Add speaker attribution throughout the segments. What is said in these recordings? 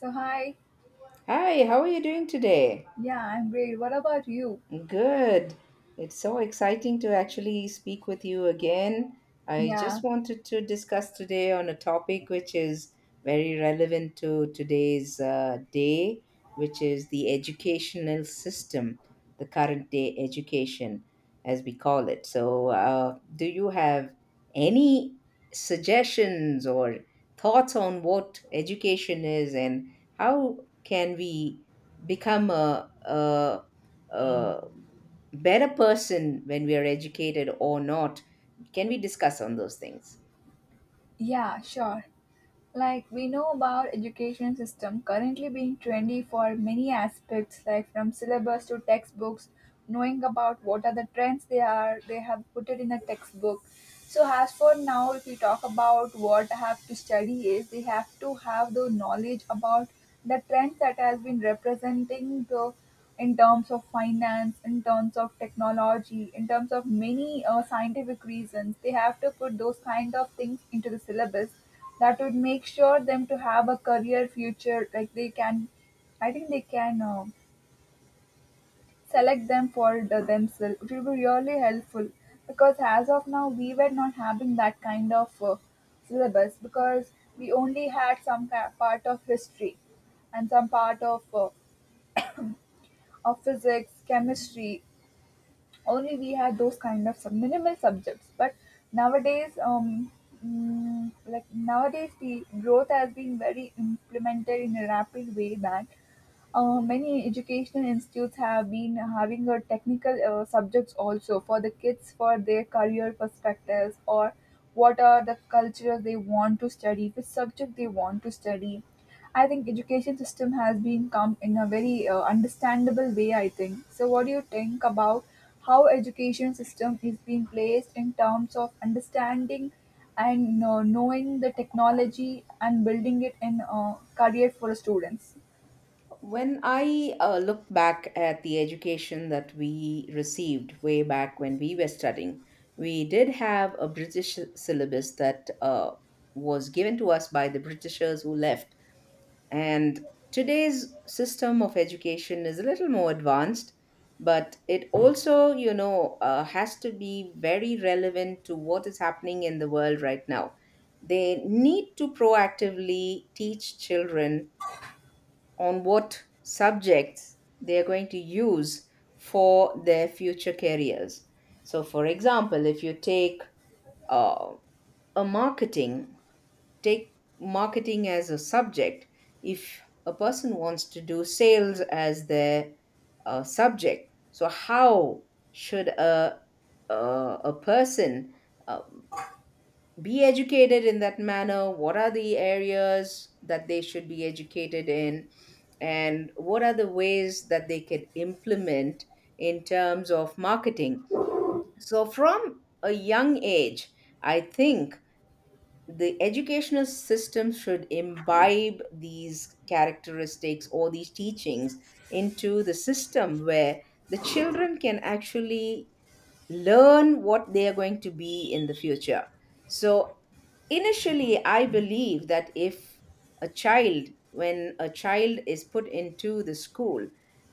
Speaker 1: So hi,
Speaker 2: Hi, how are you doing today?
Speaker 1: yeah, I'm great. What about you?
Speaker 2: Good. It's so exciting to actually speak with you again. I just
Speaker 1: Yeah,
Speaker 2: wanted to discuss today on a topic which is very relevant to today's day, which is the educational system, the current day education, as we call it. So, do you have any suggestions or thoughts on what education is and how can we become a uh, better person when we are educated or not? Can we discuss on those things?
Speaker 1: yeah, Sure. Like we know, about education system currently being trendy for many aspects like from syllabus to textbooks, knowing about what are the trends they have put it in a textbook. So as for now, if we talk about what I have to study is they have to have the knowledge about the trends that has been representing the in terms of finance, in terms of technology, in terms of many scientific reasons. They have to put those kind of things into the syllabus that would make sure them to have a career future. Like they can, I think they can select them for themselves. It will be really helpful because as of now we were not having that kind of syllabus, because we only had some part of history and some part of physics, chemistry only. We had those kind of minimal subjects. But nowadays, like nowadays, the growth has been very implemented in a rapid way, that many educational institutes have been having a technical subjects also for the kids, for their career perspectives, or what are the cultures they want to study, which subject they want to study. I think education system has been come in a very understandable way, I think so. What do you think about how education system is being placed in terms of understanding and knowing the technology and building it in career for students?
Speaker 2: When I look back at the education that we received way back when we were studying, we did have a British syllabus that was given to us by the Britishers who left. And today's system of education is a little more advanced, but it also, has to be very relevant to what is happening in the world right now. They need to proactively teach children on what subjects they are going to use for their future careers. So, for example, if you take uh, a marketing take marketing as a subject. If a person wants to do sales as their subject, so how should a, a person uh, be educated in that manner, what are the areas that they should be educated in and what are the ways that they can implement in terms of marketing? So from a young age, I think the educational system should imbibe these characteristics or these teachings into the system where the children can actually learn what they are going to be in the future. So, initially, I believe that if a child, when a child is put into the school,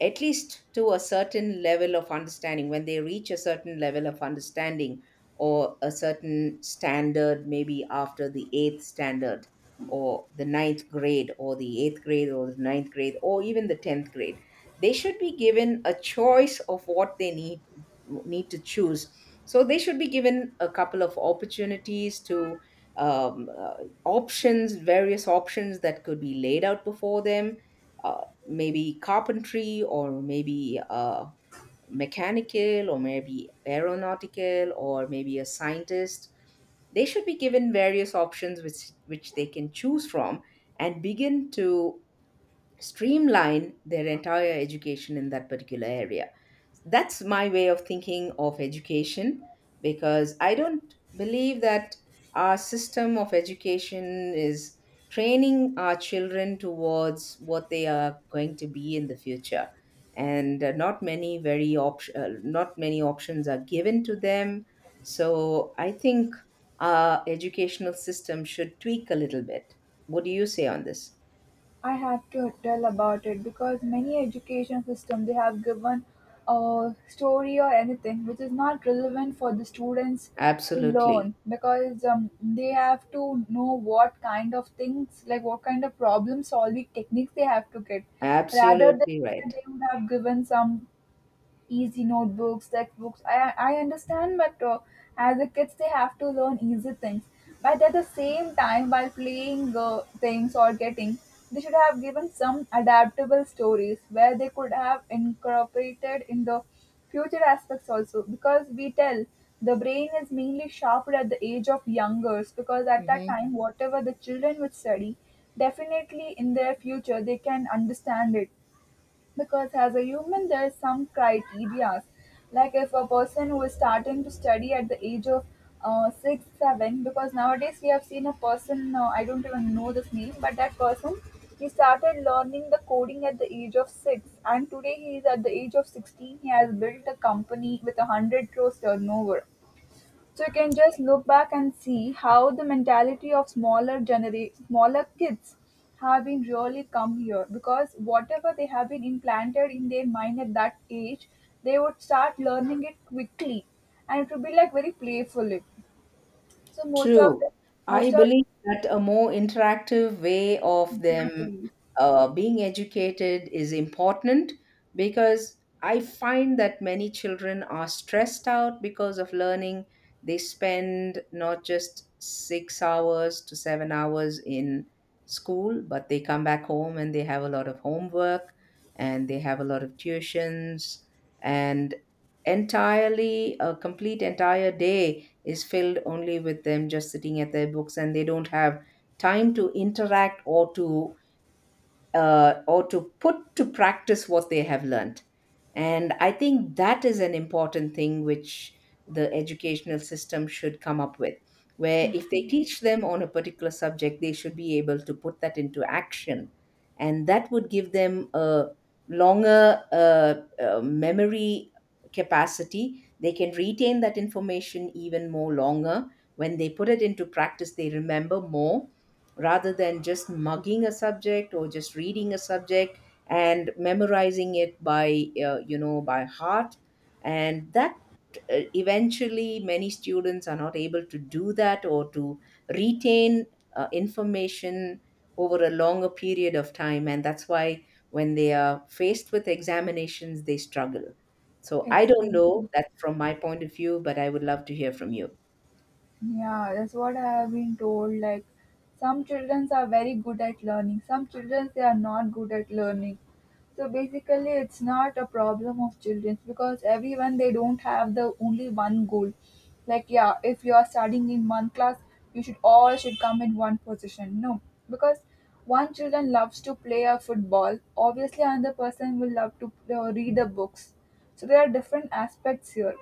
Speaker 2: at least to a certain level of understanding, when they reach a certain level of understanding or a certain standard, maybe after the eighth standard or the ninth grade or the eighth grade or the ninth grade or even the tenth grade, they should be given a choice of what they need to choose. So they should be given a couple of opportunities to um, uh, options, various options that could be laid out before them. Maybe carpentry, or maybe mechanical, or maybe aeronautical, or maybe a scientist. They should be given various options which they can choose from and begin to streamline their entire education in that particular area. That's my way of thinking of education because I don't believe that our system of education is training our children towards what they are going to be in the future, and not many options are given to them. So I think our educational system should tweak a little bit. What do you say on this?
Speaker 1: I have to tell about it, because many education system, they have given a story or anything which is not relevant for the students to
Speaker 2: Absolutely.
Speaker 1: learn. Because they have to know what kind of things, like what kind of problem solving techniques they have to get, rather than
Speaker 2: Absolutely right.
Speaker 1: they would have given some easy notebooks, textbooks. I understand, but as the kids, they have to learn easy things. But at the same time, while playing things or getting, they should have given some adaptable stories where they could have incorporated in the future aspects also. Because we tell the brain is mainly sharpened at the age of youngers, because at that
Speaker 2: Mhm.
Speaker 1: time, whatever the children would study, definitely in their future they can understand it. Because as a human, there are some criteria, like if a person who is starting to study at the age of 6 7, because nowadays we have seen a person, I don't even know this name, but that person, he started learning the coding at the age of 6, and today he is at the age of 16. He has built a company with a 100 crores turnover. So you can just look back and see how the mentality of smaller smaller kids have been really come here, because whatever they have been implanted in their mind at that age, they would start learning it quickly, and it would be like very playfully. So most of the
Speaker 2: True. I
Speaker 1: most of
Speaker 2: believe that a more interactive way of them
Speaker 1: exactly.
Speaker 2: being educated is important because I find that many children are stressed out because of learning. They spend not just 6 hours to 7 hours in school, but they come back home and they have a lot of homework and they have a lot of tuitions, and entirely a complete entire day is filled only with them just sitting at their books and they don't have time to interact or to put to practice what they have learned. And I think that is an important thing which the educational system should come up with, where if they
Speaker 1: Exactly.
Speaker 2: teach them on a particular subject, they should be able to put that into action. And that would give them a longer memory capacity. They can retain that information even more longer. When they put it into practice, they remember more rather than just mugging a subject or just reading a subject and memorizing it by by heart. And that eventually many students are not able to do that or to retain information over a longer period of time, and that's why when they are faced with examinations they struggle. So I don't know,
Speaker 1: Exactly.
Speaker 2: that's from my point of view, but I would love to hear from you.
Speaker 1: Yeah, that's what I have been told. Like, some children are very good at learning, some children they are not good at learning. So basically, it's not a problem of children, because everyone they don't have the only one goal. Like, yeah, if you are studying in one class, you should all should come in one position. No, because one children loves to play a football. Obviously, another person will love to read the books. So there are different aspects here.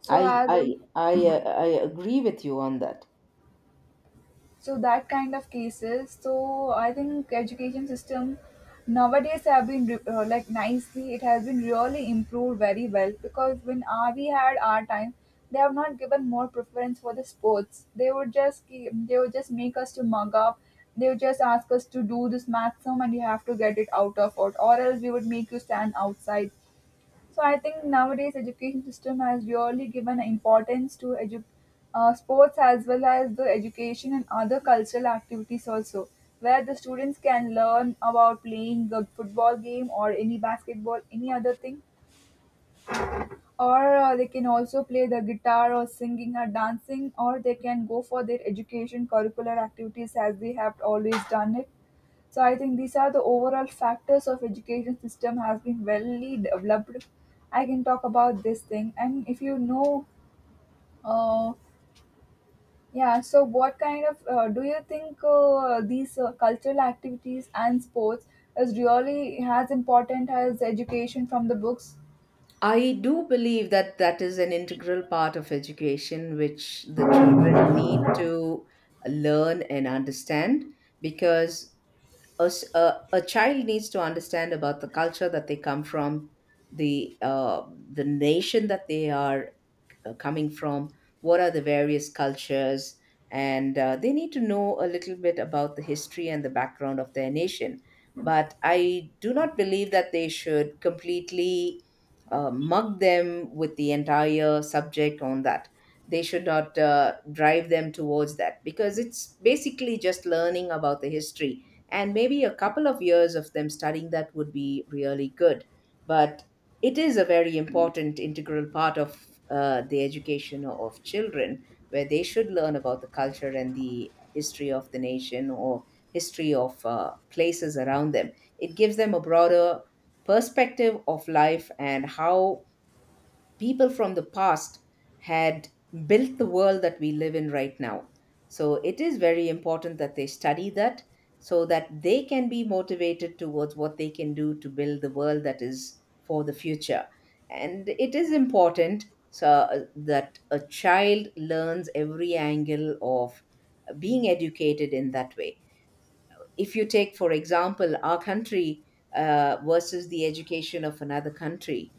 Speaker 1: So as a
Speaker 2: I agree with you on that.
Speaker 1: So that kind of cases, so I think education system nowadays have been like nicely, it has been really improved very well. Because when we had our time, they have not given more preference for the sports. They would just keep, they would just make us to mug up, they would just ask us to do this math sum and you have to get it out of it, or else we would make you stand outside. So I think nowadays education system has really given importance to sports as well as the education and other cultural activities also, where the students can learn about playing the football game or any basketball, any other thing, or they can also play the guitar or singing or dancing, or they can go for their education curricular activities as they have always done it. So I think these are the overall factors of education system has been well developed. I can talk about this thing, and if you know, uh, yeah. So what kind of do you think these cultural activities and sports is really as important as education from the books?
Speaker 2: I do believe that that is an integral part of education which the children need to learn and understand because a child needs to understand about the culture that they come from, the uh, the nation that they are coming from, what are the various cultures, and they need to know a little bit about the history and the background of their nation. But I do not believe that they should completely mug them with the entire subject on that. They should not drive them towards that because it's basically just learning about the history. And maybe a couple of years of them studying that would be really good. But it is a very important integral part of the education of children where they should learn about the culture and the history of the nation, or history of places around them. It gives them a broader perspective of life and how people from the past had built the world that we live in right now. So it is very important that they study that so that they can be motivated towards what they can do to build the world that is for the future. And it is important so that a child learns every angle of being educated in that way. If you take, for example, our country versus the education of another country,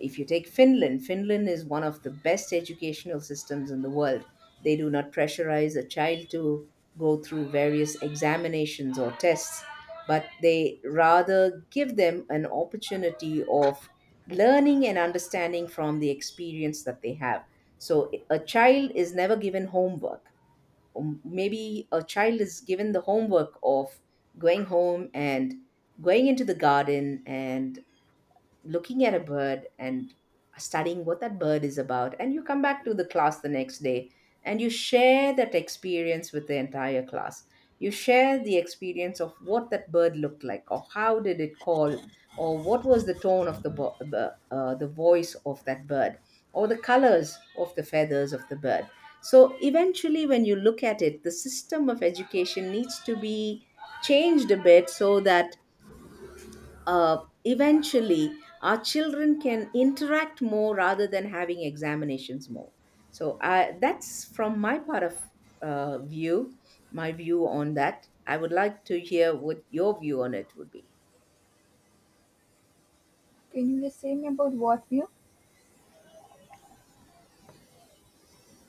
Speaker 2: if you take Finland, Finland is one of the best educational systems in the world. They do not pressurize a child to go through various examinations or tests, but they rather give them an opportunity of learning and understanding from the experience that they have. So a child is never given homework. Maybe a child is given the homework of going home and going into the garden and looking at a bird and studying what that bird is about, and you come back to the class the next day and you share that experience with the entire class. You share the experience of what that bird looked like or how did it call, or what was the tone of the the voice of that bird, or the colors of the feathers of the bird. So eventually when you look at it, the system of education needs to be changed a bit so that uh, eventually our children can interact more rather than having examinations more. So I, that's from my part of view, my view on that. I would like to hear what your view on it would be.
Speaker 1: Can you just say me about what view?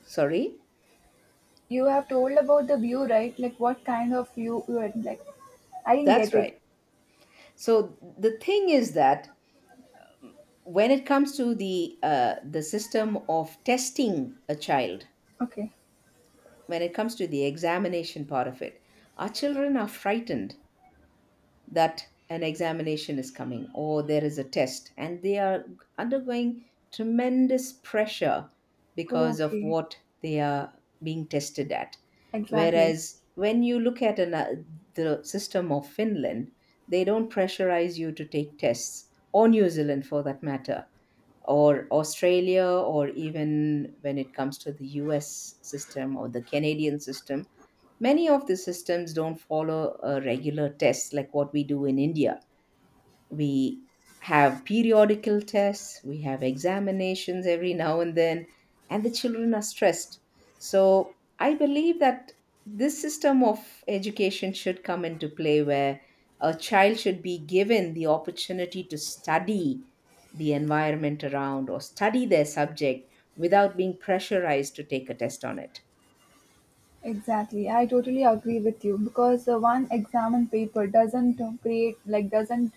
Speaker 2: Sorry.
Speaker 1: You have told about the view, right? Like what kind of view you had like? I didn't
Speaker 2: That's
Speaker 1: get it.
Speaker 2: right. So the thing is that when it comes to the system of testing a child,
Speaker 1: Okay.
Speaker 2: when it comes to the examination part of it, our children are frightened that an examination is coming or there is a test and they are undergoing tremendous pressure because of
Speaker 1: Okay.
Speaker 2: what they are being tested at.
Speaker 1: Exactly.
Speaker 2: Whereas when you look at the system of Finland, they don't pressurize you to take tests, or New Zealand for that matter, or Australia, or even when it comes to the US system or the Canadian system. Many of the systems don't follow a regular tests like what we do in India. We have periodical tests, we have examinations every now and then, and the children are stressed. So I believe that this system of education should come into play where a child should be given the opportunity to study the environment around or study their subject without being pressurized to take a test on it.
Speaker 1: Exactly, I totally agree with you. Because one examen paper doesn't create, like doesn't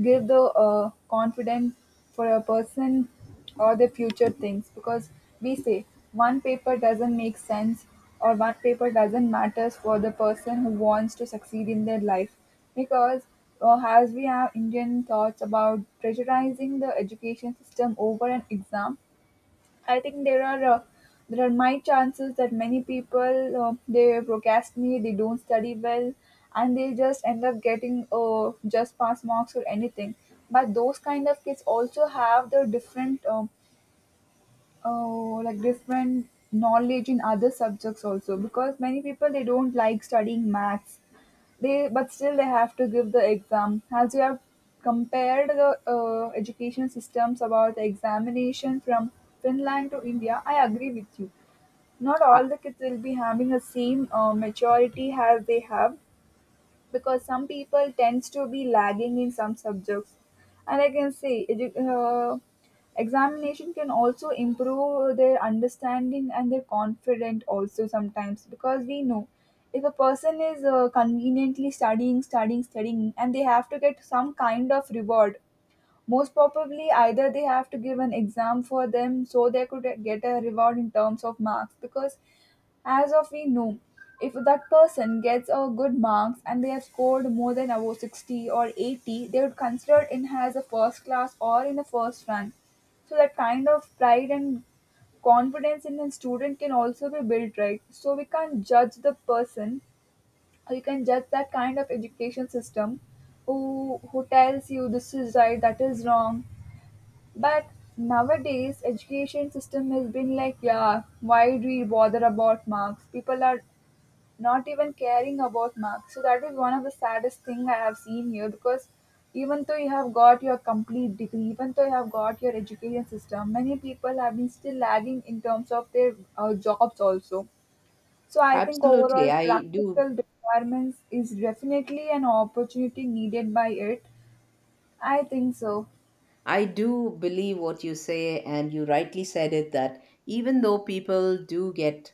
Speaker 1: give the confidence for a person or the future things, because we say one paper doesn't make sense, or one paper doesn't matters for the person who wants to succeed in their life. Because as we have Indian thoughts about pressurizing the education system over an exam, I think there are my chances that many people they procrastinate, they don't study well, and they just end up getting just pass marks or anything. But those kind of kids also have the different oh like different knowledge in other subjects also. Because many people they don't like studying maths, they but still they have to give the exam. As you have compared the education systems about the examination from Finland to India, I agree with you, not
Speaker 2: A-
Speaker 1: all the kids will be having the same maturity as they have, because some people tends to be lagging in some subjects. And I can say examination can also improve their understanding and their confidence also sometimes. Because we know, if a person is conveniently studying studying and they have to get some kind of reward, most probably, either they have to give an exam for them so they could get a reward in terms of marks. Because as of we know, if that person gets a good marks and they have scored more than above 60 or 80, they would consider it in as a first class or in a first rank. So that kind of pride and confidence in a student can also be built, right? So we can't judge the person, or you can judge that kind of education system. Who tells you this is right, that is wrong? But nowadays, education system has been like, yeah, why do we bother about marks? People are not even caring about marks. So that is one of the saddest thing I have seen here, because even though you have got your complete degree, even though you have got your education system, many people have been still lagging in terms of their jobs also. So I think
Speaker 2: Absolutely,
Speaker 1: overall
Speaker 2: I
Speaker 1: practical
Speaker 2: do.
Speaker 1: requirements is definitely an opportunity needed by it. I think so.
Speaker 2: I do believe what you say, and you rightly said it that even though people do get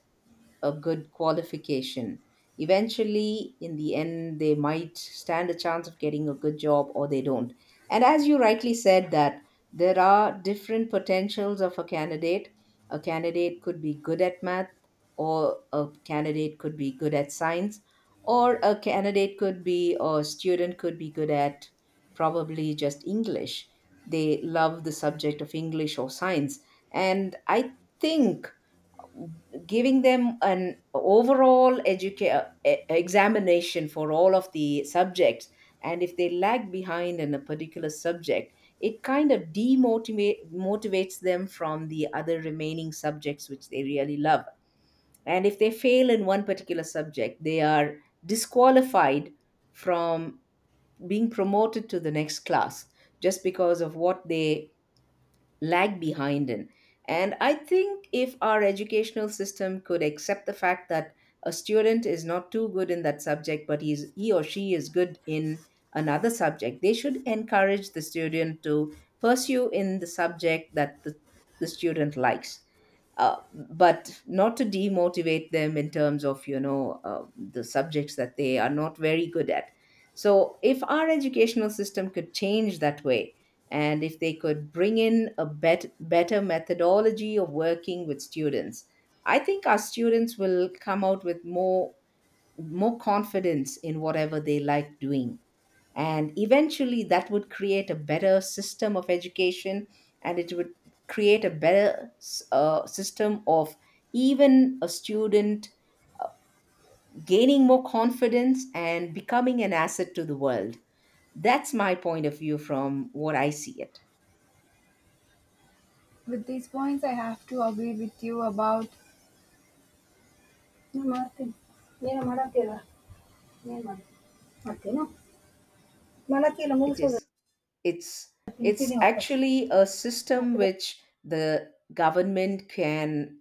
Speaker 2: a good qualification, eventually, in the end, they might stand a chance of getting a good job or they don't. And as you rightly said, that there are different potentials of a candidate. A candidate could be good at math, or a candidate could be good at science, or a candidate could be, or a student could be good at probably just English. They love the subject of English or science. And I think giving them an overall examination for all of the subjects, and if they lag behind in a particular subject, it kind of demotivate motivates them from the other remaining subjects which they really love. And if they fail in one particular subject, they are disqualified from being promoted to the next class just because of what they lag behind in. And I think if our educational system could accept the fact that a student is not too good in that subject, but he or she is good in another subject, they should encourage the student to pursue in the subject that the student likes. Uh, but not to demotivate them in terms of the subjects that they are not very good at. So if our educational system could change that way, and if they could bring in a better methodology of working with students, I think our students will come out with more confidence in whatever they like doing, and eventually that would create a better system of education, and it would create a better system of even a student gaining more confidence and becoming an asset to the world. That's my point of view from what I see it.
Speaker 1: With these points, I have to agree with you about ನಾ ಮಾಡ್ತೀನಿ ಏನು ಮಾಡತ್ತೀರ ಏನು ಮಾಡಿ ಮಾಡ್ತೀನೋ ಮಾಡತ್ತಿಲ್ಲ
Speaker 2: It
Speaker 1: ಮುಗಿಸೋದು
Speaker 2: is, it's it's
Speaker 1: ಇಟ್ಟಿನಿ ವಾಪಸ್
Speaker 2: actually a system
Speaker 1: ಮತ್ತೆ ಬೇ-
Speaker 2: which the government can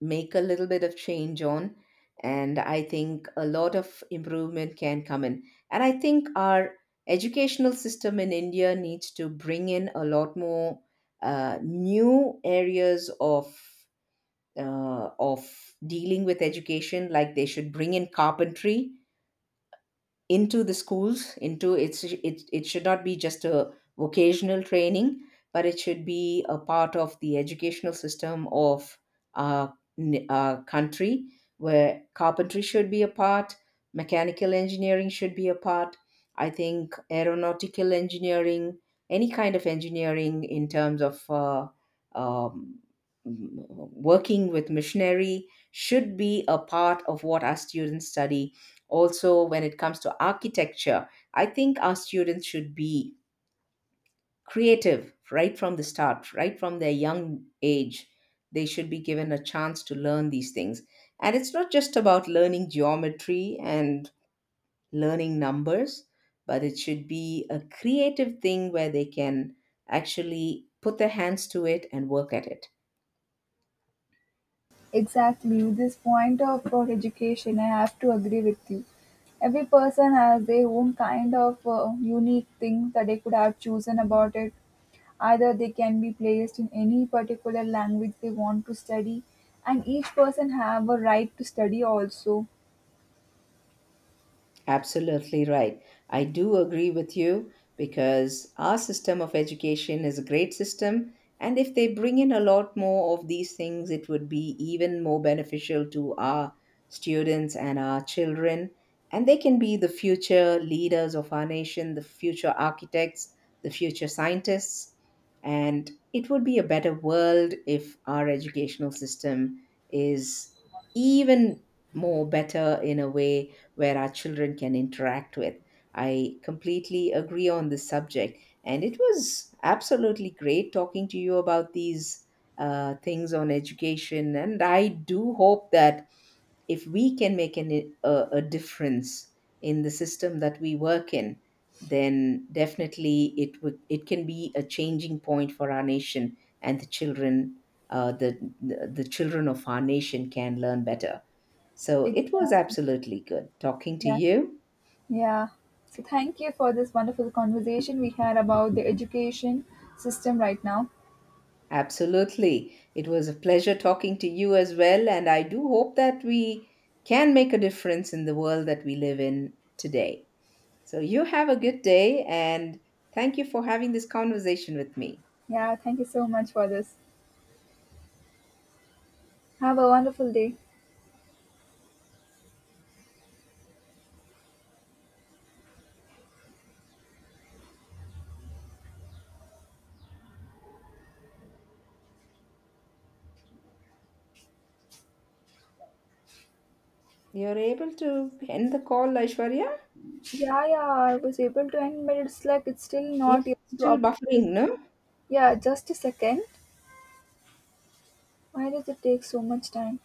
Speaker 2: make a little bit of change on. And I think a lot of improvement can come in, and I think our educational system in India needs to bring in a lot more new areas of dealing with education. Like they should bring in carpentry into the schools into it should not be just a vocational training, but it should be a part of the educational system of our country, where carpentry should be a part, mechanical engineering should be a part. I think aeronautical engineering, any kind of engineering in terms of um, working with machinery should be a part of what our students study. Also, when it comes to architecture, I think our students should be creative right from the start, right from their young age. They should be given a chance to learn these things. And it's not just about learning geometry and learning numbers, but it should be a creative thing where they can actually put their hands to it and work at it.
Speaker 1: exactly with this point of about education. I have to agree with you. Every person has their own kind of uh, unique thing that they could have chosen about it. Either they can be placed in any particular language they want to study, and each person have a right to study also.
Speaker 2: Absolutely right. I do agree with you because our system of education is a great system. And if they bring in a lot more of these things, it would be even more beneficial to our students and our children. And they can be the future leaders of our nation, the future architects, the future scientists. And it would be a better world if our educational system is even more better in a way where our children can interact with. I completely agree on this subject, and it was absolutely great talking to you about these things on education. And I do hope that if we can make a difference in the system that we work in, then definitely it can be a changing point for our nation and the children, the children of our nation can learn better. So it was
Speaker 1: Exactly.
Speaker 2: absolutely good talking to
Speaker 1: Yeah.
Speaker 2: you.
Speaker 1: Yeah. So thank you for this wonderful conversation we had about the education system right now.
Speaker 2: Absolutely. It was a pleasure talking to you as well. And I do hope that we can make a difference in the world that we live in today. So you have a good day and thank you for having this conversation with me.
Speaker 1: Yeah, thank you so much for this. Have a wonderful day.
Speaker 2: You're able to end the call, Aishwarya?
Speaker 1: Yeah, yeah, I was able to end, but it's like it's still
Speaker 2: Yeah,
Speaker 1: not able to
Speaker 2: still
Speaker 1: update.
Speaker 2: buffering, no?
Speaker 1: Yeah, just a second. Why does it take so much time?